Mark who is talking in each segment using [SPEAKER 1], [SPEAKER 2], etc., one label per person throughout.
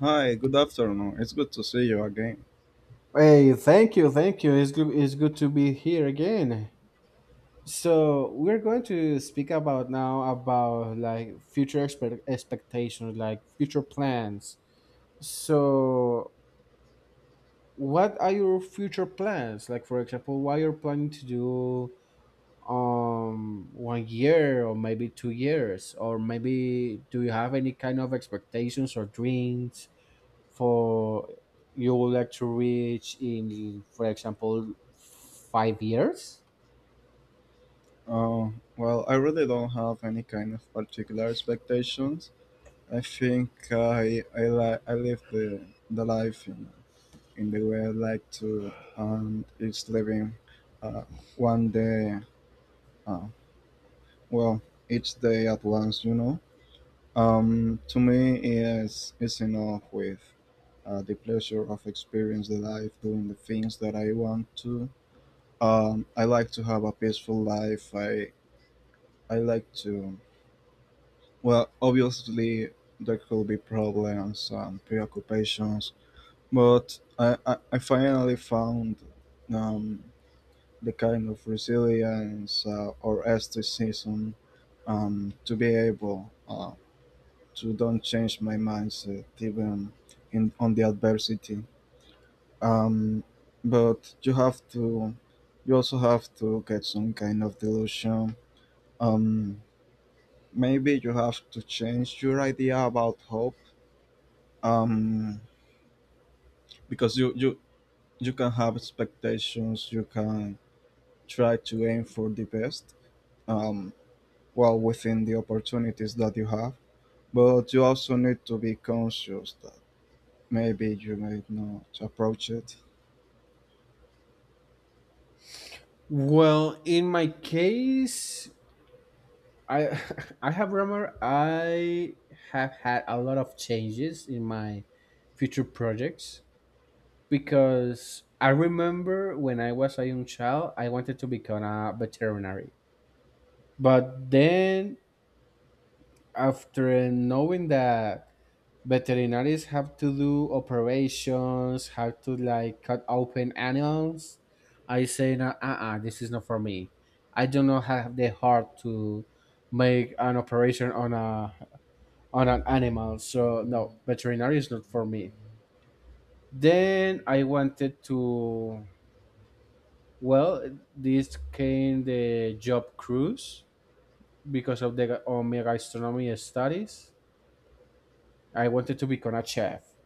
[SPEAKER 1] Hi, good afternoon. It's good to see you again.
[SPEAKER 2] Hey, thank you, thank you. It's good to be here again. So we're going to speak about now about like future expectations, like future plans. So what are your future plans? Like for example, what you're planning to do 1 year or maybe 2 years, or maybe do you have any kind of expectations or dreams for you would like to reach in, for example, 5 years?
[SPEAKER 1] Uh, well, I really don't have any kind of particular expectations. I think I live the life in the way I like to, and it's living uh, one day, uh, well, each day at once, To me, is enough with the pleasure of experience the life, doing the things that I want to. I like to have a peaceful life. I like to. Well, obviously there could be problems and preoccupations, but I finally found um, the kind of resilience or aestheticism, to be able to don't change my mindset even in on the adversity. Um, but you have to. You also have to get some kind of delusion. um, Maybe you have to change your idea about hope, um, because you can have expectations, you can try to aim for the best, um, while within the opportunities that you have, but you also need to be conscious that maybe you might not approach it.
[SPEAKER 2] Well, in my case, I I have remember I have had a lot of changes in my future projects because I remember when I was a young child, I wanted to become a veterinary. But then after knowing that veterinarians have to do operations, have to like cut open animals. I say, no, uh-uh, this is not for me. I do not have the heart to make an operation on a on an animal. So no, veterinary is not for me. Then I wanted to well, this came the job cruise because of the on my gastronomy studies. I wanted to become a chef,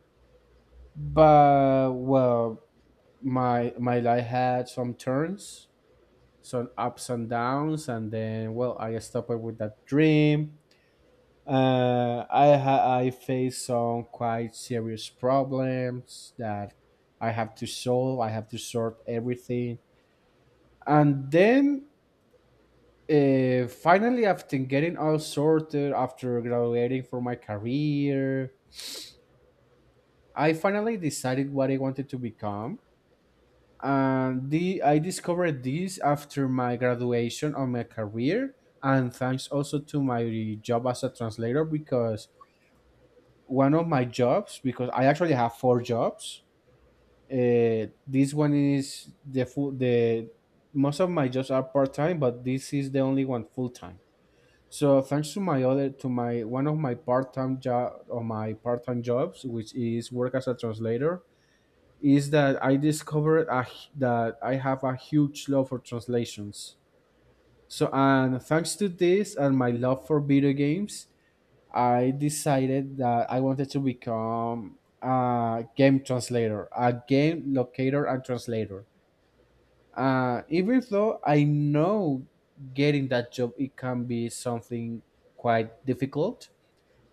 [SPEAKER 2] but well, my life had some turns, some ups and downs, and then well, I stopped with that dream. I faced some quite serious problems that I have to solve. I have to sort everything, and then finally, after getting all sorted, after graduating from my career, I finally decided what I wanted to become. And the, I discovered this after my graduation of my career, and thanks also to my job as a translator because one of my jobs, because I actually have four jobs. This one is the, most of my jobs are part time, but this is the only one full time. So thanks to my other, to my one of my part time job or my part time jobs, which is work as a translator, is that I discovered that I have a huge love for translations. So, and thanks to this and my love for video games, I decided that I wanted to become a game translator, a game locator and translator. Even though I know getting that job it can be something quite difficult,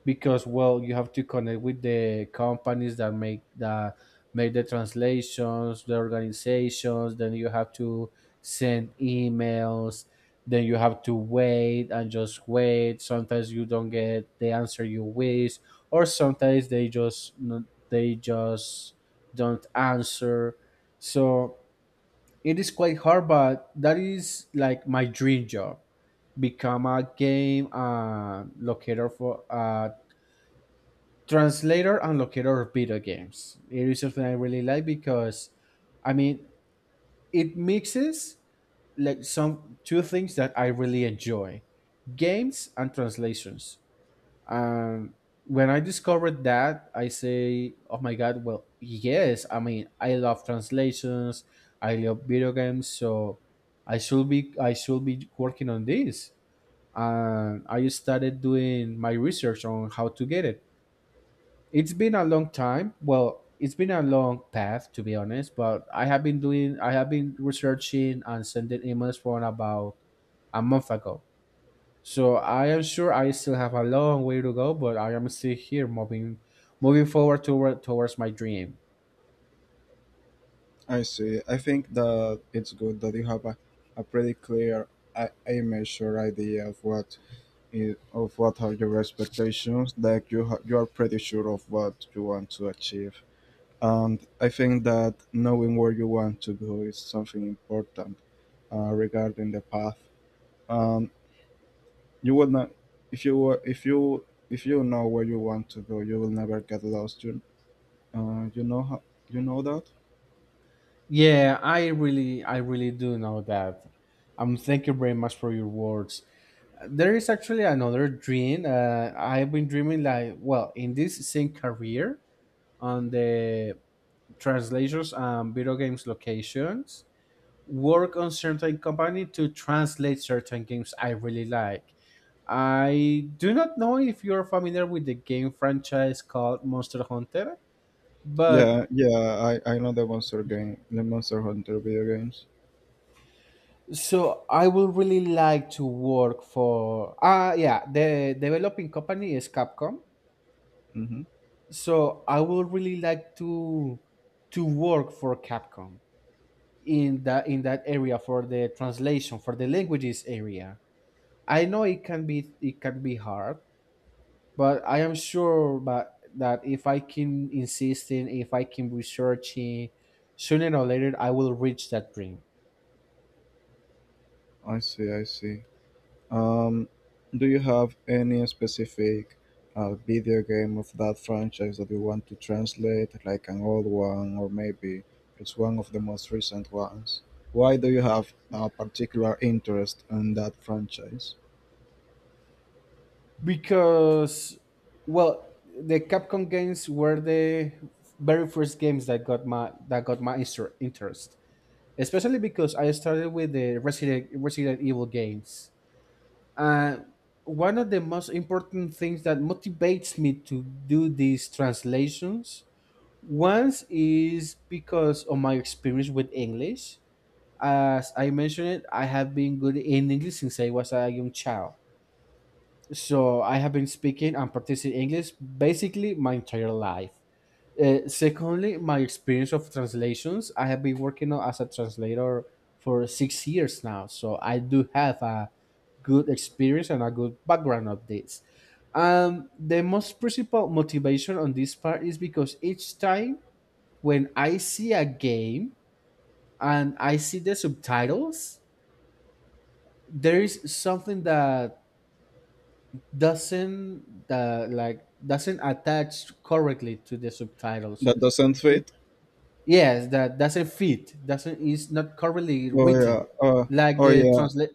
[SPEAKER 2] because well you have to connect with the companies that make the translations the organizations then you have to send emails then you have to wait and just wait, sometimes you don't get the answer you wish, or sometimes they they just don't answer. So it is quite hard, but that is like my dream job, become a game locator for translator and locator of video games. It is something I really like because, I mean, it mixes like some two things that I really enjoy: games and translations. Um, when I discovered that, I say, "Oh my god!" Well, yes. I mean, I love translations. I love video games, so I should be working on this. And I started doing my research on how to get it. It's been a long time. Well, it's been a long path to be honest, but I have been researching and sending emails for about a month ago. So I am sure I still have a long way to go, but I am still here moving forward towards my dream.
[SPEAKER 1] I see. I think that it's good that you have a pretty clear I- image or idea of what of what are your expectations. Like you are pretty sure of what you want to achieve, and I think that knowing where you want to go is something important. Regarding the path, um, you will not if you, if you know where you want to go, you will never get lost. You know how, you know that.
[SPEAKER 2] Yeah, I really do know that. Thank you very much for your words. There is actually another dream. I've been dreaming like well in this same career on the translators and video games locations work on certain company to translate certain games I really like. I do not know if you're familiar with the game franchise called Monster Hunter, but
[SPEAKER 1] Yeah, yeah, I know the monster game, the Monster Hunter video games.
[SPEAKER 2] so I would really like to work for yeah, the developing company is Capcom.
[SPEAKER 1] Mm-hmm.
[SPEAKER 2] So I would really like to work for Capcom in that area for the translation for the languages area. I know it can be hard, but I am sure but that if I can insisting, if I can researching, sooner or later I will reach that dream.
[SPEAKER 1] I see. I see. Um, do you have any specific video game of that franchise that you want to translate, like an old one, or maybe it's one of the most recent ones? Why do you have a particular interest in that franchise?
[SPEAKER 2] Because well, the Capcom games were the very first games that got my interest. Especially because I started with the Resident Evil games. Uh, one of the most important things that motivates me to do these translations once is because of my experience with English. As I mentioned it, I have been good in English since I was a young child. So I have been speaking and practicing English basically my entire life. Secondly, my experience of translations. I have been working on- as a translator for 6 years now. So I do have a good experience and a good background of this. The most principal motivation on this part is because each time when I see a game and I see the subtitles, there is something that doesn't that like doesn't attach correctly to the subtitles.
[SPEAKER 1] That doesn't
[SPEAKER 2] Be-
[SPEAKER 1] fit.
[SPEAKER 2] yes, that doesn't fit. Doesn't is not correctly
[SPEAKER 1] Oh
[SPEAKER 2] written.
[SPEAKER 1] yeah.
[SPEAKER 2] Like
[SPEAKER 1] Oh
[SPEAKER 2] the
[SPEAKER 1] yeah.
[SPEAKER 2] translate,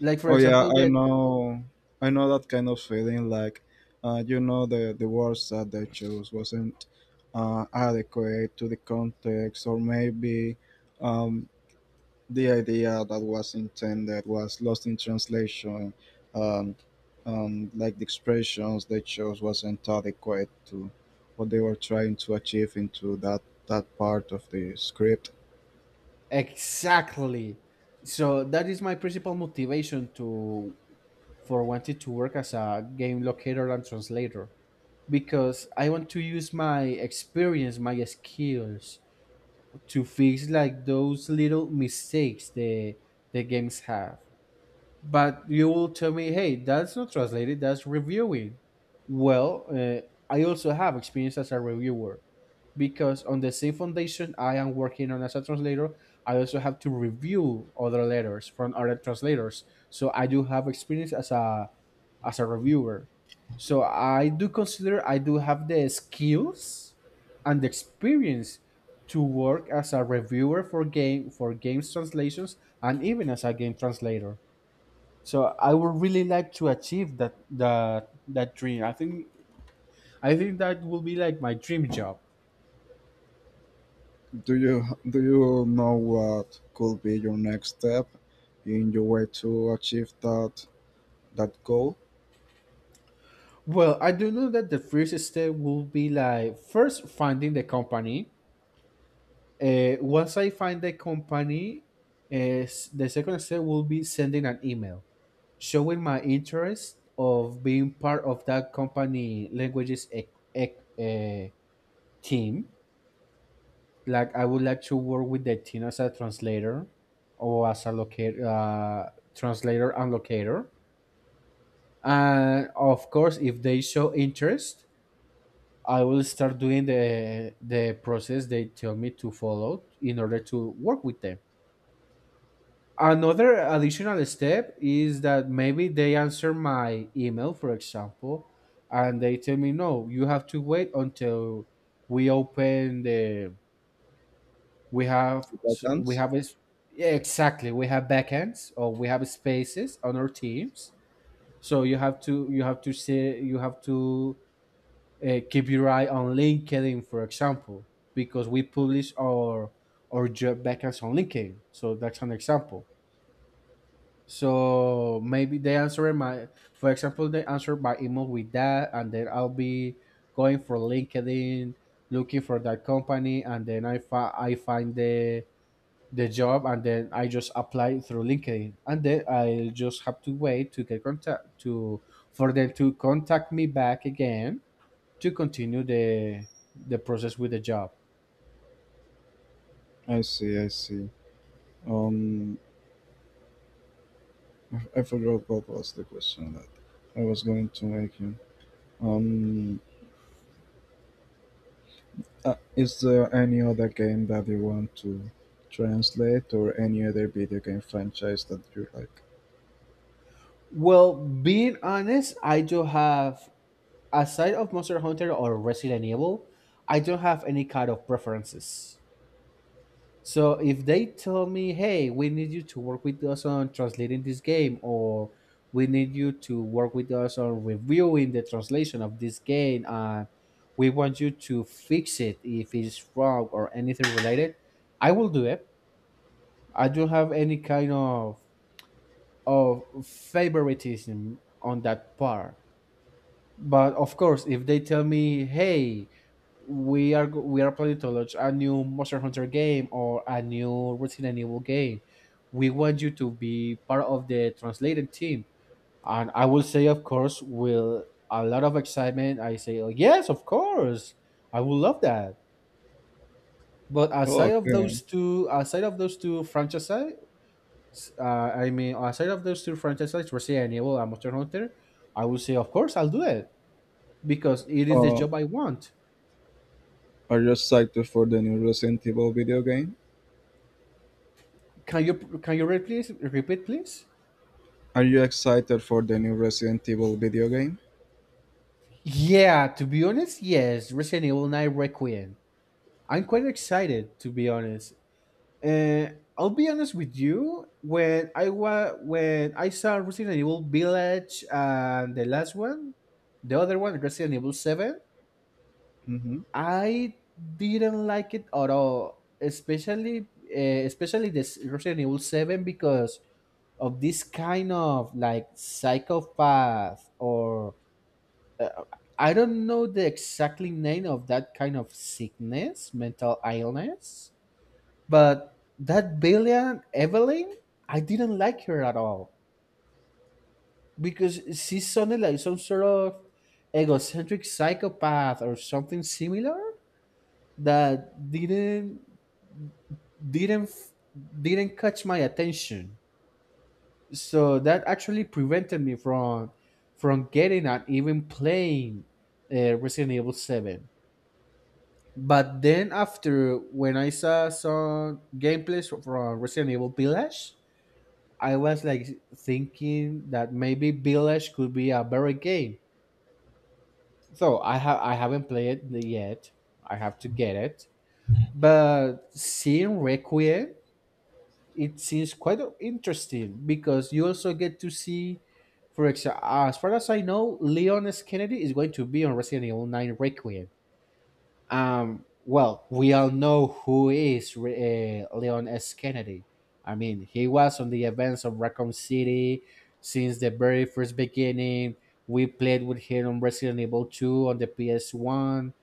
[SPEAKER 2] like for
[SPEAKER 1] Oh yeah.
[SPEAKER 2] example,
[SPEAKER 1] I
[SPEAKER 2] that
[SPEAKER 1] know. I know that kind of feeling. Like, the words that they chose wasn't adequate to the context, or maybe, um, the idea that was intended was lost in translation, um, like the expressions they chose wasn't adequate to what they were trying to achieve into that part of the script.
[SPEAKER 2] exactly. So that is my principal motivation to for wanting to work as a game locator and translator because I want to use my experience, my skills to fix like those little mistakes the games have. But you will tell me, hey, that's not translated, that's reviewing. Well, I also have experience as a reviewer because on the same foundation I am working on as a translator I also have to review other letters from other translators, so I do have experience as a reviewer. So I do consider I do have the skills and the experience to work as a reviewer for games translations and even as a game translator. So I would really like to achieve that dream. I think that will be like my dream job.
[SPEAKER 1] Do you do you know what could be your next step in your way to achieve that goal?
[SPEAKER 2] Well, I do know that the first step will be like first finding the company. Once I find the company, the second step will be sending an email showing my interest of being part of that company languages team. Like I would like to work with the team as a translator or as a locator, translator and locator. And of course, if they show interest, I will start doing the process they tell me to follow in order to work with them. Another additional step is that maybe they answer my email, for example, and they tell me, no, you have to wait until we open the we have
[SPEAKER 1] If I
[SPEAKER 2] we
[SPEAKER 1] can't.
[SPEAKER 2] have is yeah, exactly we have backends or we have spaces on our teams. So you have to say you have to keep your eye on LinkedIn for example, because we publish our job backends on LinkedIn, so that's an example. So maybe they answer my for example they answer my email with that, and then I'll be going for LinkedIn looking for that company, and then I find the job, and then I just apply through LinkedIn, and then I'll just have to wait to get contact to for them to contact me back again to continue the process with the job.
[SPEAKER 1] I see. I see. Um, I forgot what was the question that I was going to make you. Um, is there any other game that you want to translate or any other video game franchise that you like?
[SPEAKER 2] Well, being honest, I don't have aside of Monster Hunter or Resident Evil, I don't have any kind of preferences. So if they tell me, hey, we need you to work with us on translating this game, or we need you to work with us on reviewing the translation of this game, and we want you to fix it if it's wrong or anything related, I will do it. I don't have any kind of favoritism on that part. But of course, if they tell me, hey, we are planning to launch a new Monster Hunter game or a new Resident Evil game, we want you to be part of the translated team. And I will say, of course, with a lot of excitement, I say, oh, yes, of course, I would love that. But
[SPEAKER 1] Oh,
[SPEAKER 2] aside of
[SPEAKER 1] okay.
[SPEAKER 2] those two, franchises, I mean, aside of those two franchises, Resident Evil and Monster Hunter, I will say, of course, I'll do it because it is the
[SPEAKER 1] Uh,
[SPEAKER 2] job I want.
[SPEAKER 1] are you excited for the new Resident Evil video game?
[SPEAKER 2] Can you can you repeat please?
[SPEAKER 1] Are you excited for the new Resident Evil video game?
[SPEAKER 2] Yeah, to be honest, yes, Resident Evil 9 Requiem. I'm quite excited, to be honest. Uh, I'll be honest with you. When I saw Resident Evil Village and the last one, the other one, Resident Evil Seven,
[SPEAKER 1] Mm-hmm.
[SPEAKER 2] I didn't like it at all. Especially, especially this Resident Evil Seven because of this kind of like psychopath or uh, I don't know the exactly name of that kind of sickness, mental illness, but that villain Evelyn, I didn't like her at all because she sounded like some sort of egocentric psychopath or something similar that didn't didn't catch my attention. So that actually prevented me from getting and even playing Resident Evil Seven. But then after when I saw some gameplays from Resident Evil Village, I was like thinking that maybe Village could be a better game. So I haven't played it yet. I have to get it. But seeing Requiem, it seems quite interesting because you also get to see, for example, as far as I know, Leon S. Kennedy is going to be on Resident Evil 9 Requiem. Well, we all know who is Leon S. Kennedy. I mean, he was on the events of Raccoon City since the very first beginning. We played with him on Resident Evil 2 on the PS1.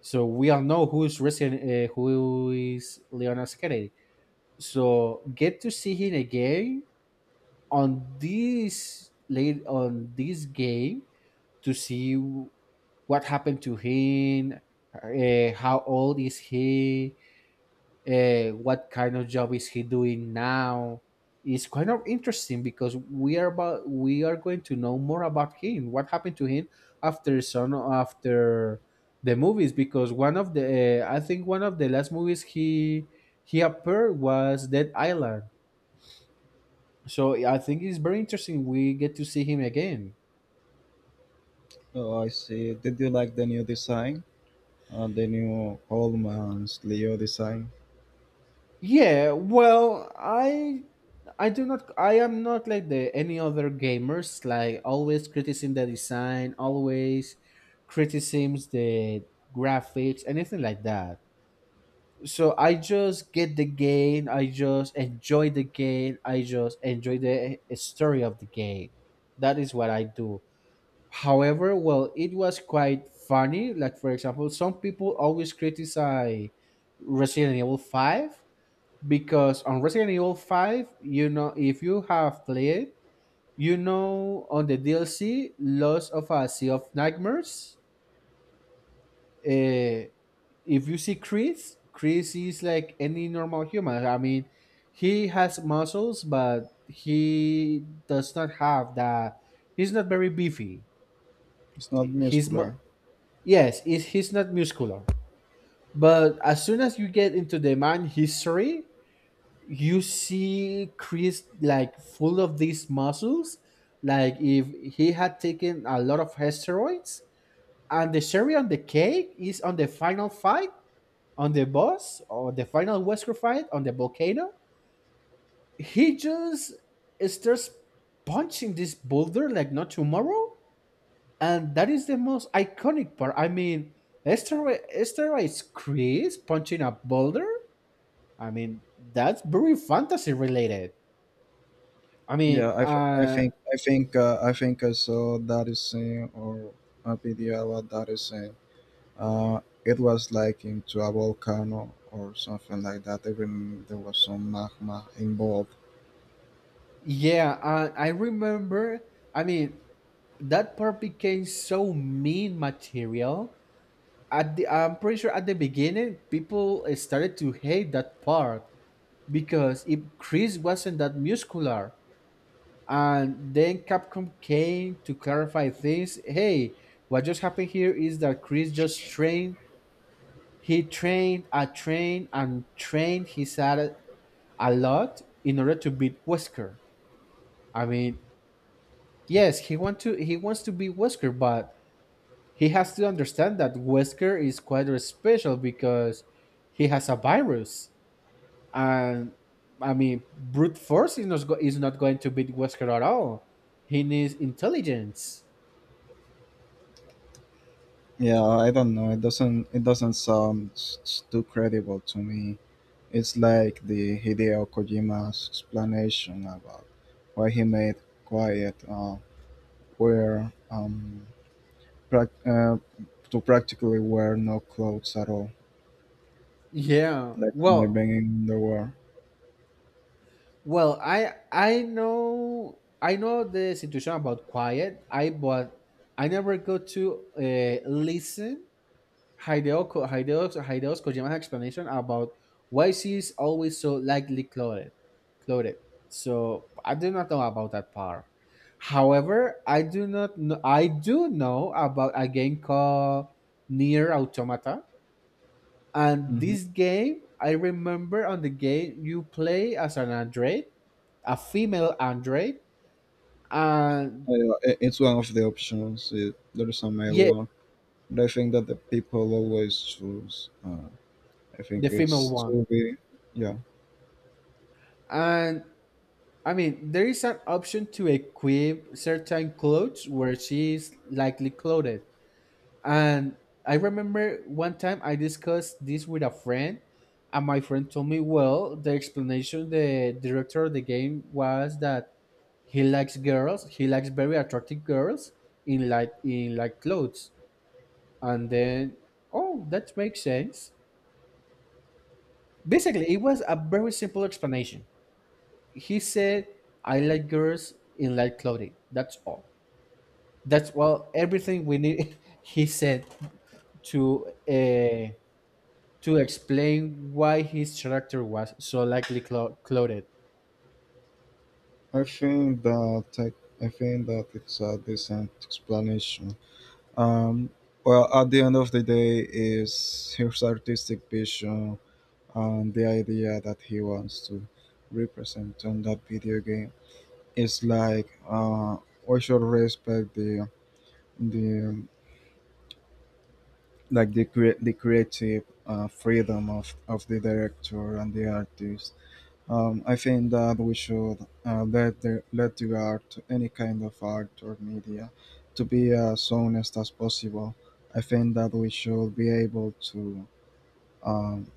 [SPEAKER 2] So we all know who's who is Leon S. Kennedy. So get to see him again on this game to see what happened to him, how old is he, what kind of job is he doing now. It's kind of interesting because we are going to know more about him, what happened to him after the movies. Because one of the I think one of the last movies he appeared was Dead Island. So I think it's very interesting. We get to see him again.
[SPEAKER 1] Oh, I see. Did you like the new design? The new Holman's Leo design?
[SPEAKER 2] Yeah, well, I am not like the any other gamers like always criticizing the design, always criticisms the graphics, anything like that. So I just get the game, I just enjoy the game, I just enjoy the story of the game. That is what I do. However, well, it was quite funny. Like for example, some people always criticize Resident Evil 5 because on Resident Evil 5, you know, if you have played, you know, on the DLC, Lost of a Sea of Nightmares, uh, if you see Chris, Chris is like any normal human. I mean, he has muscles, but he does not have that. He's not very beefy.
[SPEAKER 1] It's not
[SPEAKER 2] He's, mu-
[SPEAKER 1] muscular.
[SPEAKER 2] yes, he's not muscular. But as soon as you get into the man history, you see Chris like full of these muscles, like if he had taken a lot of steroids. And the cherry on the cake is on the final fight on the boss or the final Wesker fight on the volcano. He just starts punching this boulder like not tomorrow, and that is the most iconic part. I mean, steroids Chris punching a boulder. I mean, that's very fantasy related. I mean,
[SPEAKER 1] Yeah, I think I think I saw that is saying, or a video about that is saying it was like into a volcano or something like that. Even there was some magma involved.
[SPEAKER 2] yeah, I remember. I mean, that part became so mean material. I'm pretty sure at the beginning, people started to hate that part because if Chris wasn't that muscular, and then Capcom came to clarify things. Hey, what just happened here is that Chris just trained. He trained, I trained, and trained. He said a lot in order to beat Wesker. I mean, yes, he wants to be Wesker, but he has to understand that Wesker is quite special because he has a virus, and I mean brute force is not going to beat Wesker at all. He needs intelligence.
[SPEAKER 1] Yeah, I don't know. It doesn't sound too credible to me. It's like the Hideo Kojima's explanation about why he made Quiet, where prac to practically wear no clothes at all,
[SPEAKER 2] Yeah.
[SPEAKER 1] like from the
[SPEAKER 2] Well,
[SPEAKER 1] beginning of the war.
[SPEAKER 2] well, I know the situation about Quiet. I but I never go to listen Hideo's Kojima's explanation about why she is always so lightly clothed. So I do not know about that part. However, I do not know. I do know about a game called Near Automata, and
[SPEAKER 1] Hmm.
[SPEAKER 2] this game I remember on the game you play as an android, a female android, and
[SPEAKER 1] It's one of the options. It, there is a mail
[SPEAKER 2] yeah,
[SPEAKER 1] war, but I think that the people always choose. I think
[SPEAKER 2] the female
[SPEAKER 1] it's
[SPEAKER 2] one.
[SPEAKER 1] to be, yeah.
[SPEAKER 2] And I mean, there is an option to equip certain clothes where she is likely clothed. And I remember one time I discussed this with a friend, and my friend told me, well, the explanation the director of the game was that he likes girls, he likes very attractive girls in like clothes. And then, oh, that makes sense. Basically, it was a very simple explanation. He said, I like girls in light clothing. That's all. That's everything we need. He said to uh, to explain why his character was so likely clouded.
[SPEAKER 1] I think that I think that it's a decent explanation. Um, well, at the end of the day, is his artistic vision and the idea that he wants to represent on that video game. It's like we should respect the like the creative freedom of the director and the artist. I think that we should let the art, any kind of art or media, to be as honest as possible. I think that we should be able to, um,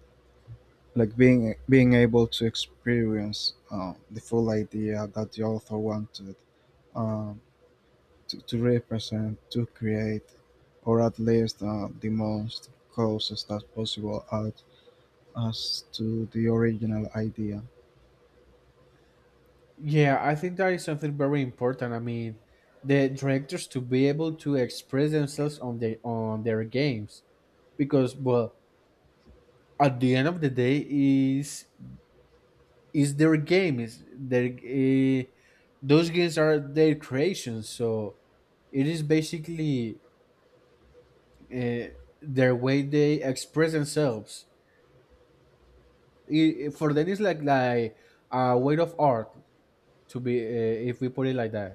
[SPEAKER 1] like being able to experience the full idea that the author wanted, um, to represent, to create, or at least the most closest as possible as to the original idea.
[SPEAKER 2] Yeah, I think that is something very important. I mean, the directors to be able to express themselves on their games because well, at the end of the day, is their game is their those games are their creations. So it is basically uh, their way they express themselves. For them, it's like a way of art to be, if we put it like that.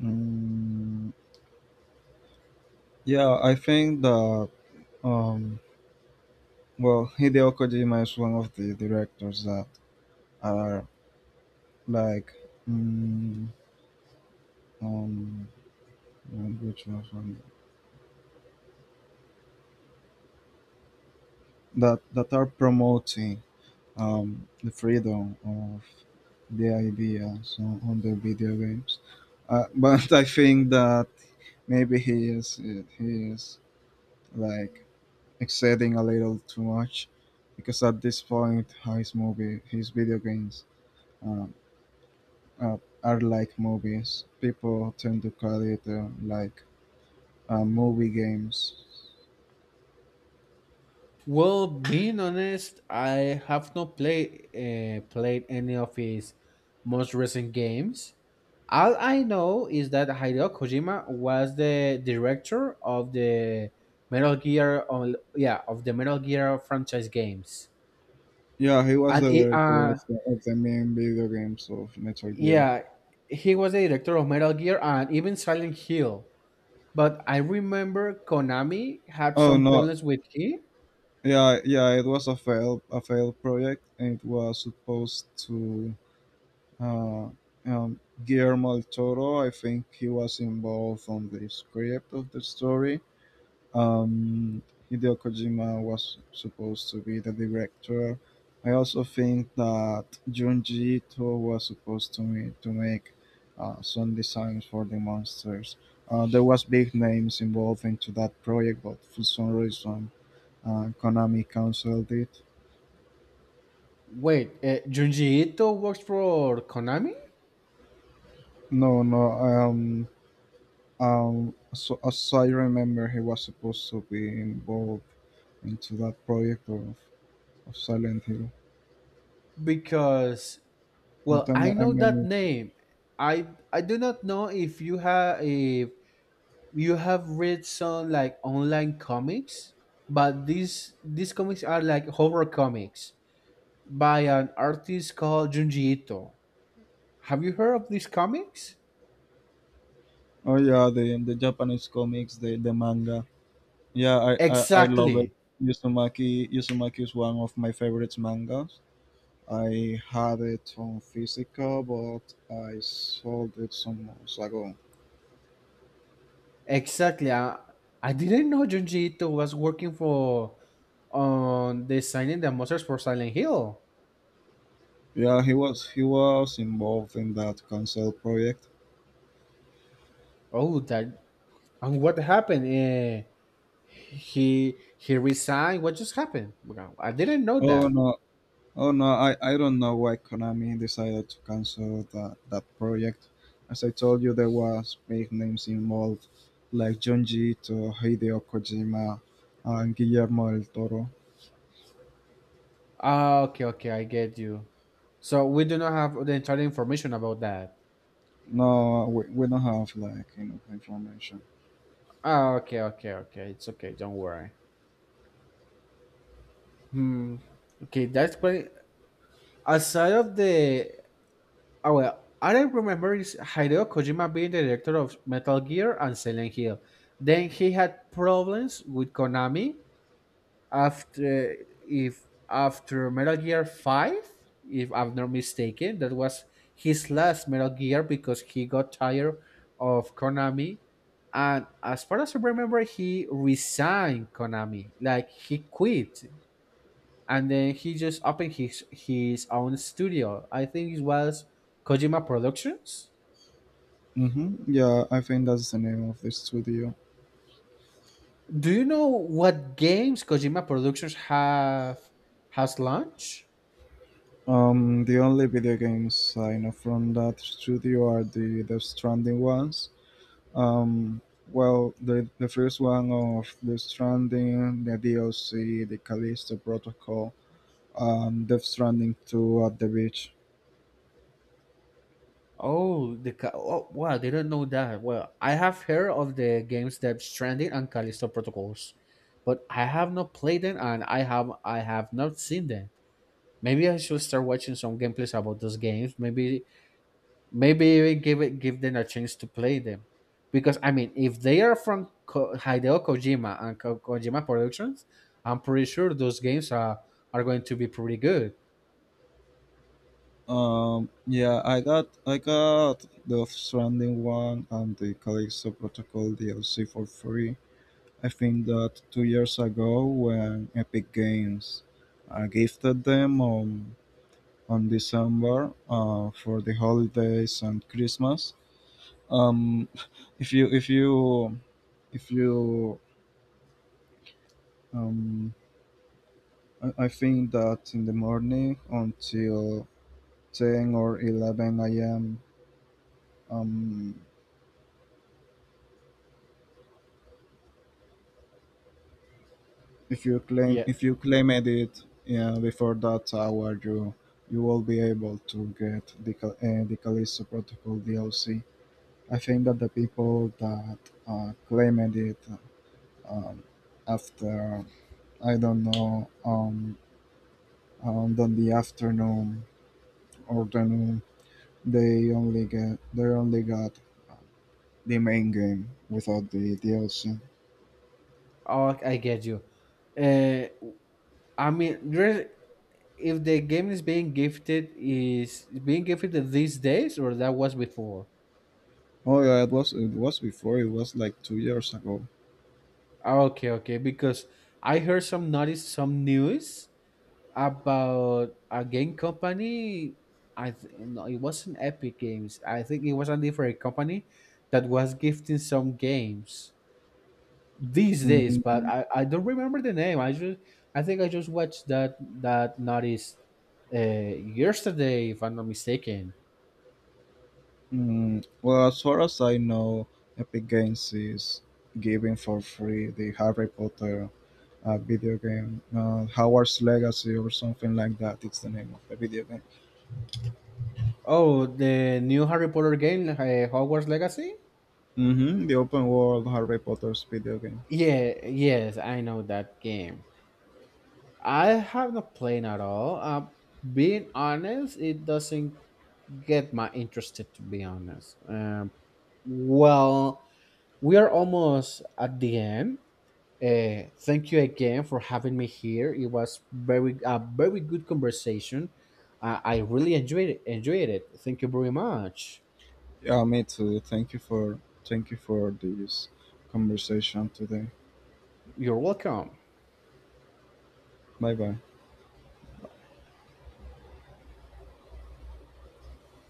[SPEAKER 1] Mm, Yeah, I think that um Hideo Kojima is one of the directors that are like, mm, um which was one that are promoting the freedom of the ideas on the video games. But I think that maybe he is like exceeding a little too much, because at this point his movie his video games um, uh, are like movies. People tend to call it movie games.
[SPEAKER 2] Well, being honest, I have not played played any of his most recent games. All I know is that Hideo Kojima was the director of the Metal Gear, on, yeah, of the Metal Gear franchise games,
[SPEAKER 1] Yeah, he was
[SPEAKER 2] and
[SPEAKER 1] the
[SPEAKER 2] it,
[SPEAKER 1] director
[SPEAKER 2] uh,
[SPEAKER 1] of the main video games of Metal Gear.
[SPEAKER 2] yeah, he was the director of Metal Gear and even Silent Hill. But I remember Konami had
[SPEAKER 1] Oh
[SPEAKER 2] some
[SPEAKER 1] no,
[SPEAKER 2] problems with him.
[SPEAKER 1] yeah, yeah, it was a failed project. It was supposed to uh, Guillermo del Toro. I think he was involved on the script of the story. um, Hideo Kojima was supposed to be the director. I also think that Junji Ito was supposed to me to make some designs for the monsters. There was big names involved into that project, but for some reason, Konami canceled it.
[SPEAKER 2] Wait, Junji Ito works for Konami?
[SPEAKER 1] No, no. So as I remember, he was supposed to be involved into that project of Silent Hill.
[SPEAKER 2] Because,
[SPEAKER 1] But
[SPEAKER 2] well, I
[SPEAKER 1] I
[SPEAKER 2] know
[SPEAKER 1] may
[SPEAKER 2] that
[SPEAKER 1] need to.
[SPEAKER 2] name. I I do not know if you have read some like online comics, but these comics are like horror comics by an artist called Junji Ito. Have you heard of these comics?
[SPEAKER 1] Oh yeah, the Japanese comics, the manga. Yeah, I love it.
[SPEAKER 2] Exactly.
[SPEAKER 1] Yuzumaki is one of my favorite mangas. I had it on physical, but I sold it some months ago.
[SPEAKER 2] Exactly. I didn't know Junji Ito was working for on designing the monsters for Silent Hill.
[SPEAKER 1] Yeah, he was involved in that cancel project.
[SPEAKER 2] Oh, that and what happened? Eh, he resigned. What just happened? Wow, I didn't know
[SPEAKER 1] Oh
[SPEAKER 2] that.
[SPEAKER 1] no, Oh no, I don't know why Konami decided to cancel that project. As I told you, there was big names involved, like Junji, to Hideo Kojima and Guillermo del Toro.
[SPEAKER 2] Ah, okay, okay, I get you. So we do not have the entire information about that.
[SPEAKER 1] No, we don't have like enough information.
[SPEAKER 2] Ah, okay, okay, okay. It's okay. Don't worry. Hmm. Okay, that's quite aside of the... Oh well, all I don't remember is Hideo Kojima being the director of Metal Gear and Silent Hill. Then he had problems with Konami after if after Metal Gear Five, if I'm not mistaken, that was his last Metal Gear because he got tired of Konami. And as far as I remember, he resigned Konami, like he quit and then he just opened his own studio. I think it was Kojima Productions.
[SPEAKER 1] Mm-hmm. Yeah, I think that's the name of the studio.
[SPEAKER 2] Do you know what games Kojima Productions have has launched?
[SPEAKER 1] The only video games I know from that studio are the Death Stranding ones. Um, well, the first one of The Stranding, the DLC, the Callisto Protocol, Death Stranding 2 at the beach.
[SPEAKER 2] Oh, oh, wow! They don't know that. Well, I have heard of the games that Stranding and Callisto Protocols, but I have not played them and I have not seen them. Maybe I should start watching some gameplays about those games. Maybe maybe we give them a chance to play them, because I mean, if they are from Hideo Kojima and Kojima Productions, I'm pretty sure those games are going to be pretty good.
[SPEAKER 1] Yeah, I got the Stranding 1 and the Callisto Protocol DLC for free. I think that 2 years ago when Epic Games gifted them on December for the holidays and Christmas. Um, if you if you if you um, I think that in the morning until 10 or 11 a.m. um, if you
[SPEAKER 2] Yeah,
[SPEAKER 1] claim edit, yeah, before that hour you you will be able to get the Callisto Protocol DLC. I think that the people that claimed it, um, after I don't know, on the afternoon or the noon, they only got the main game without the DLC.
[SPEAKER 2] oh, I get you. Uh, I mean, if the game is being gifted these days or that was before?
[SPEAKER 1] Oh yeah, it was before. It was like 2 years ago.
[SPEAKER 2] Ah, okay, okay, because I heard some news about a game company. I think no, it wasn't Epic Games, I think it was a different company that was gifting some games these days, but
[SPEAKER 1] Mm,
[SPEAKER 2] I don't remember the name. I just I think I just watched that that notice, uh, yesterday if I'm not mistaken.
[SPEAKER 1] well, as far as I know, Epic Games is giving for free the Harry Potter video game, Howard's Legacy or something like that. It's the name of the video game.
[SPEAKER 2] Oh the new Harry Potter game, Hogwarts Legacy.
[SPEAKER 1] Hmm. The open world Harry Potter's video game.
[SPEAKER 2] Yeah, yes, I know that game. I have not played at all, being honest, it doesn't get my interested, to be honest. Well, we are almost at the end. Thank you again for having me here. It was very a very good conversation. I really enjoyed it, enjoyed it. Thank you very much.
[SPEAKER 1] Yeah, me too. Thank you for, thank you for this conversation today.
[SPEAKER 2] You're welcome.
[SPEAKER 1] Bye bye.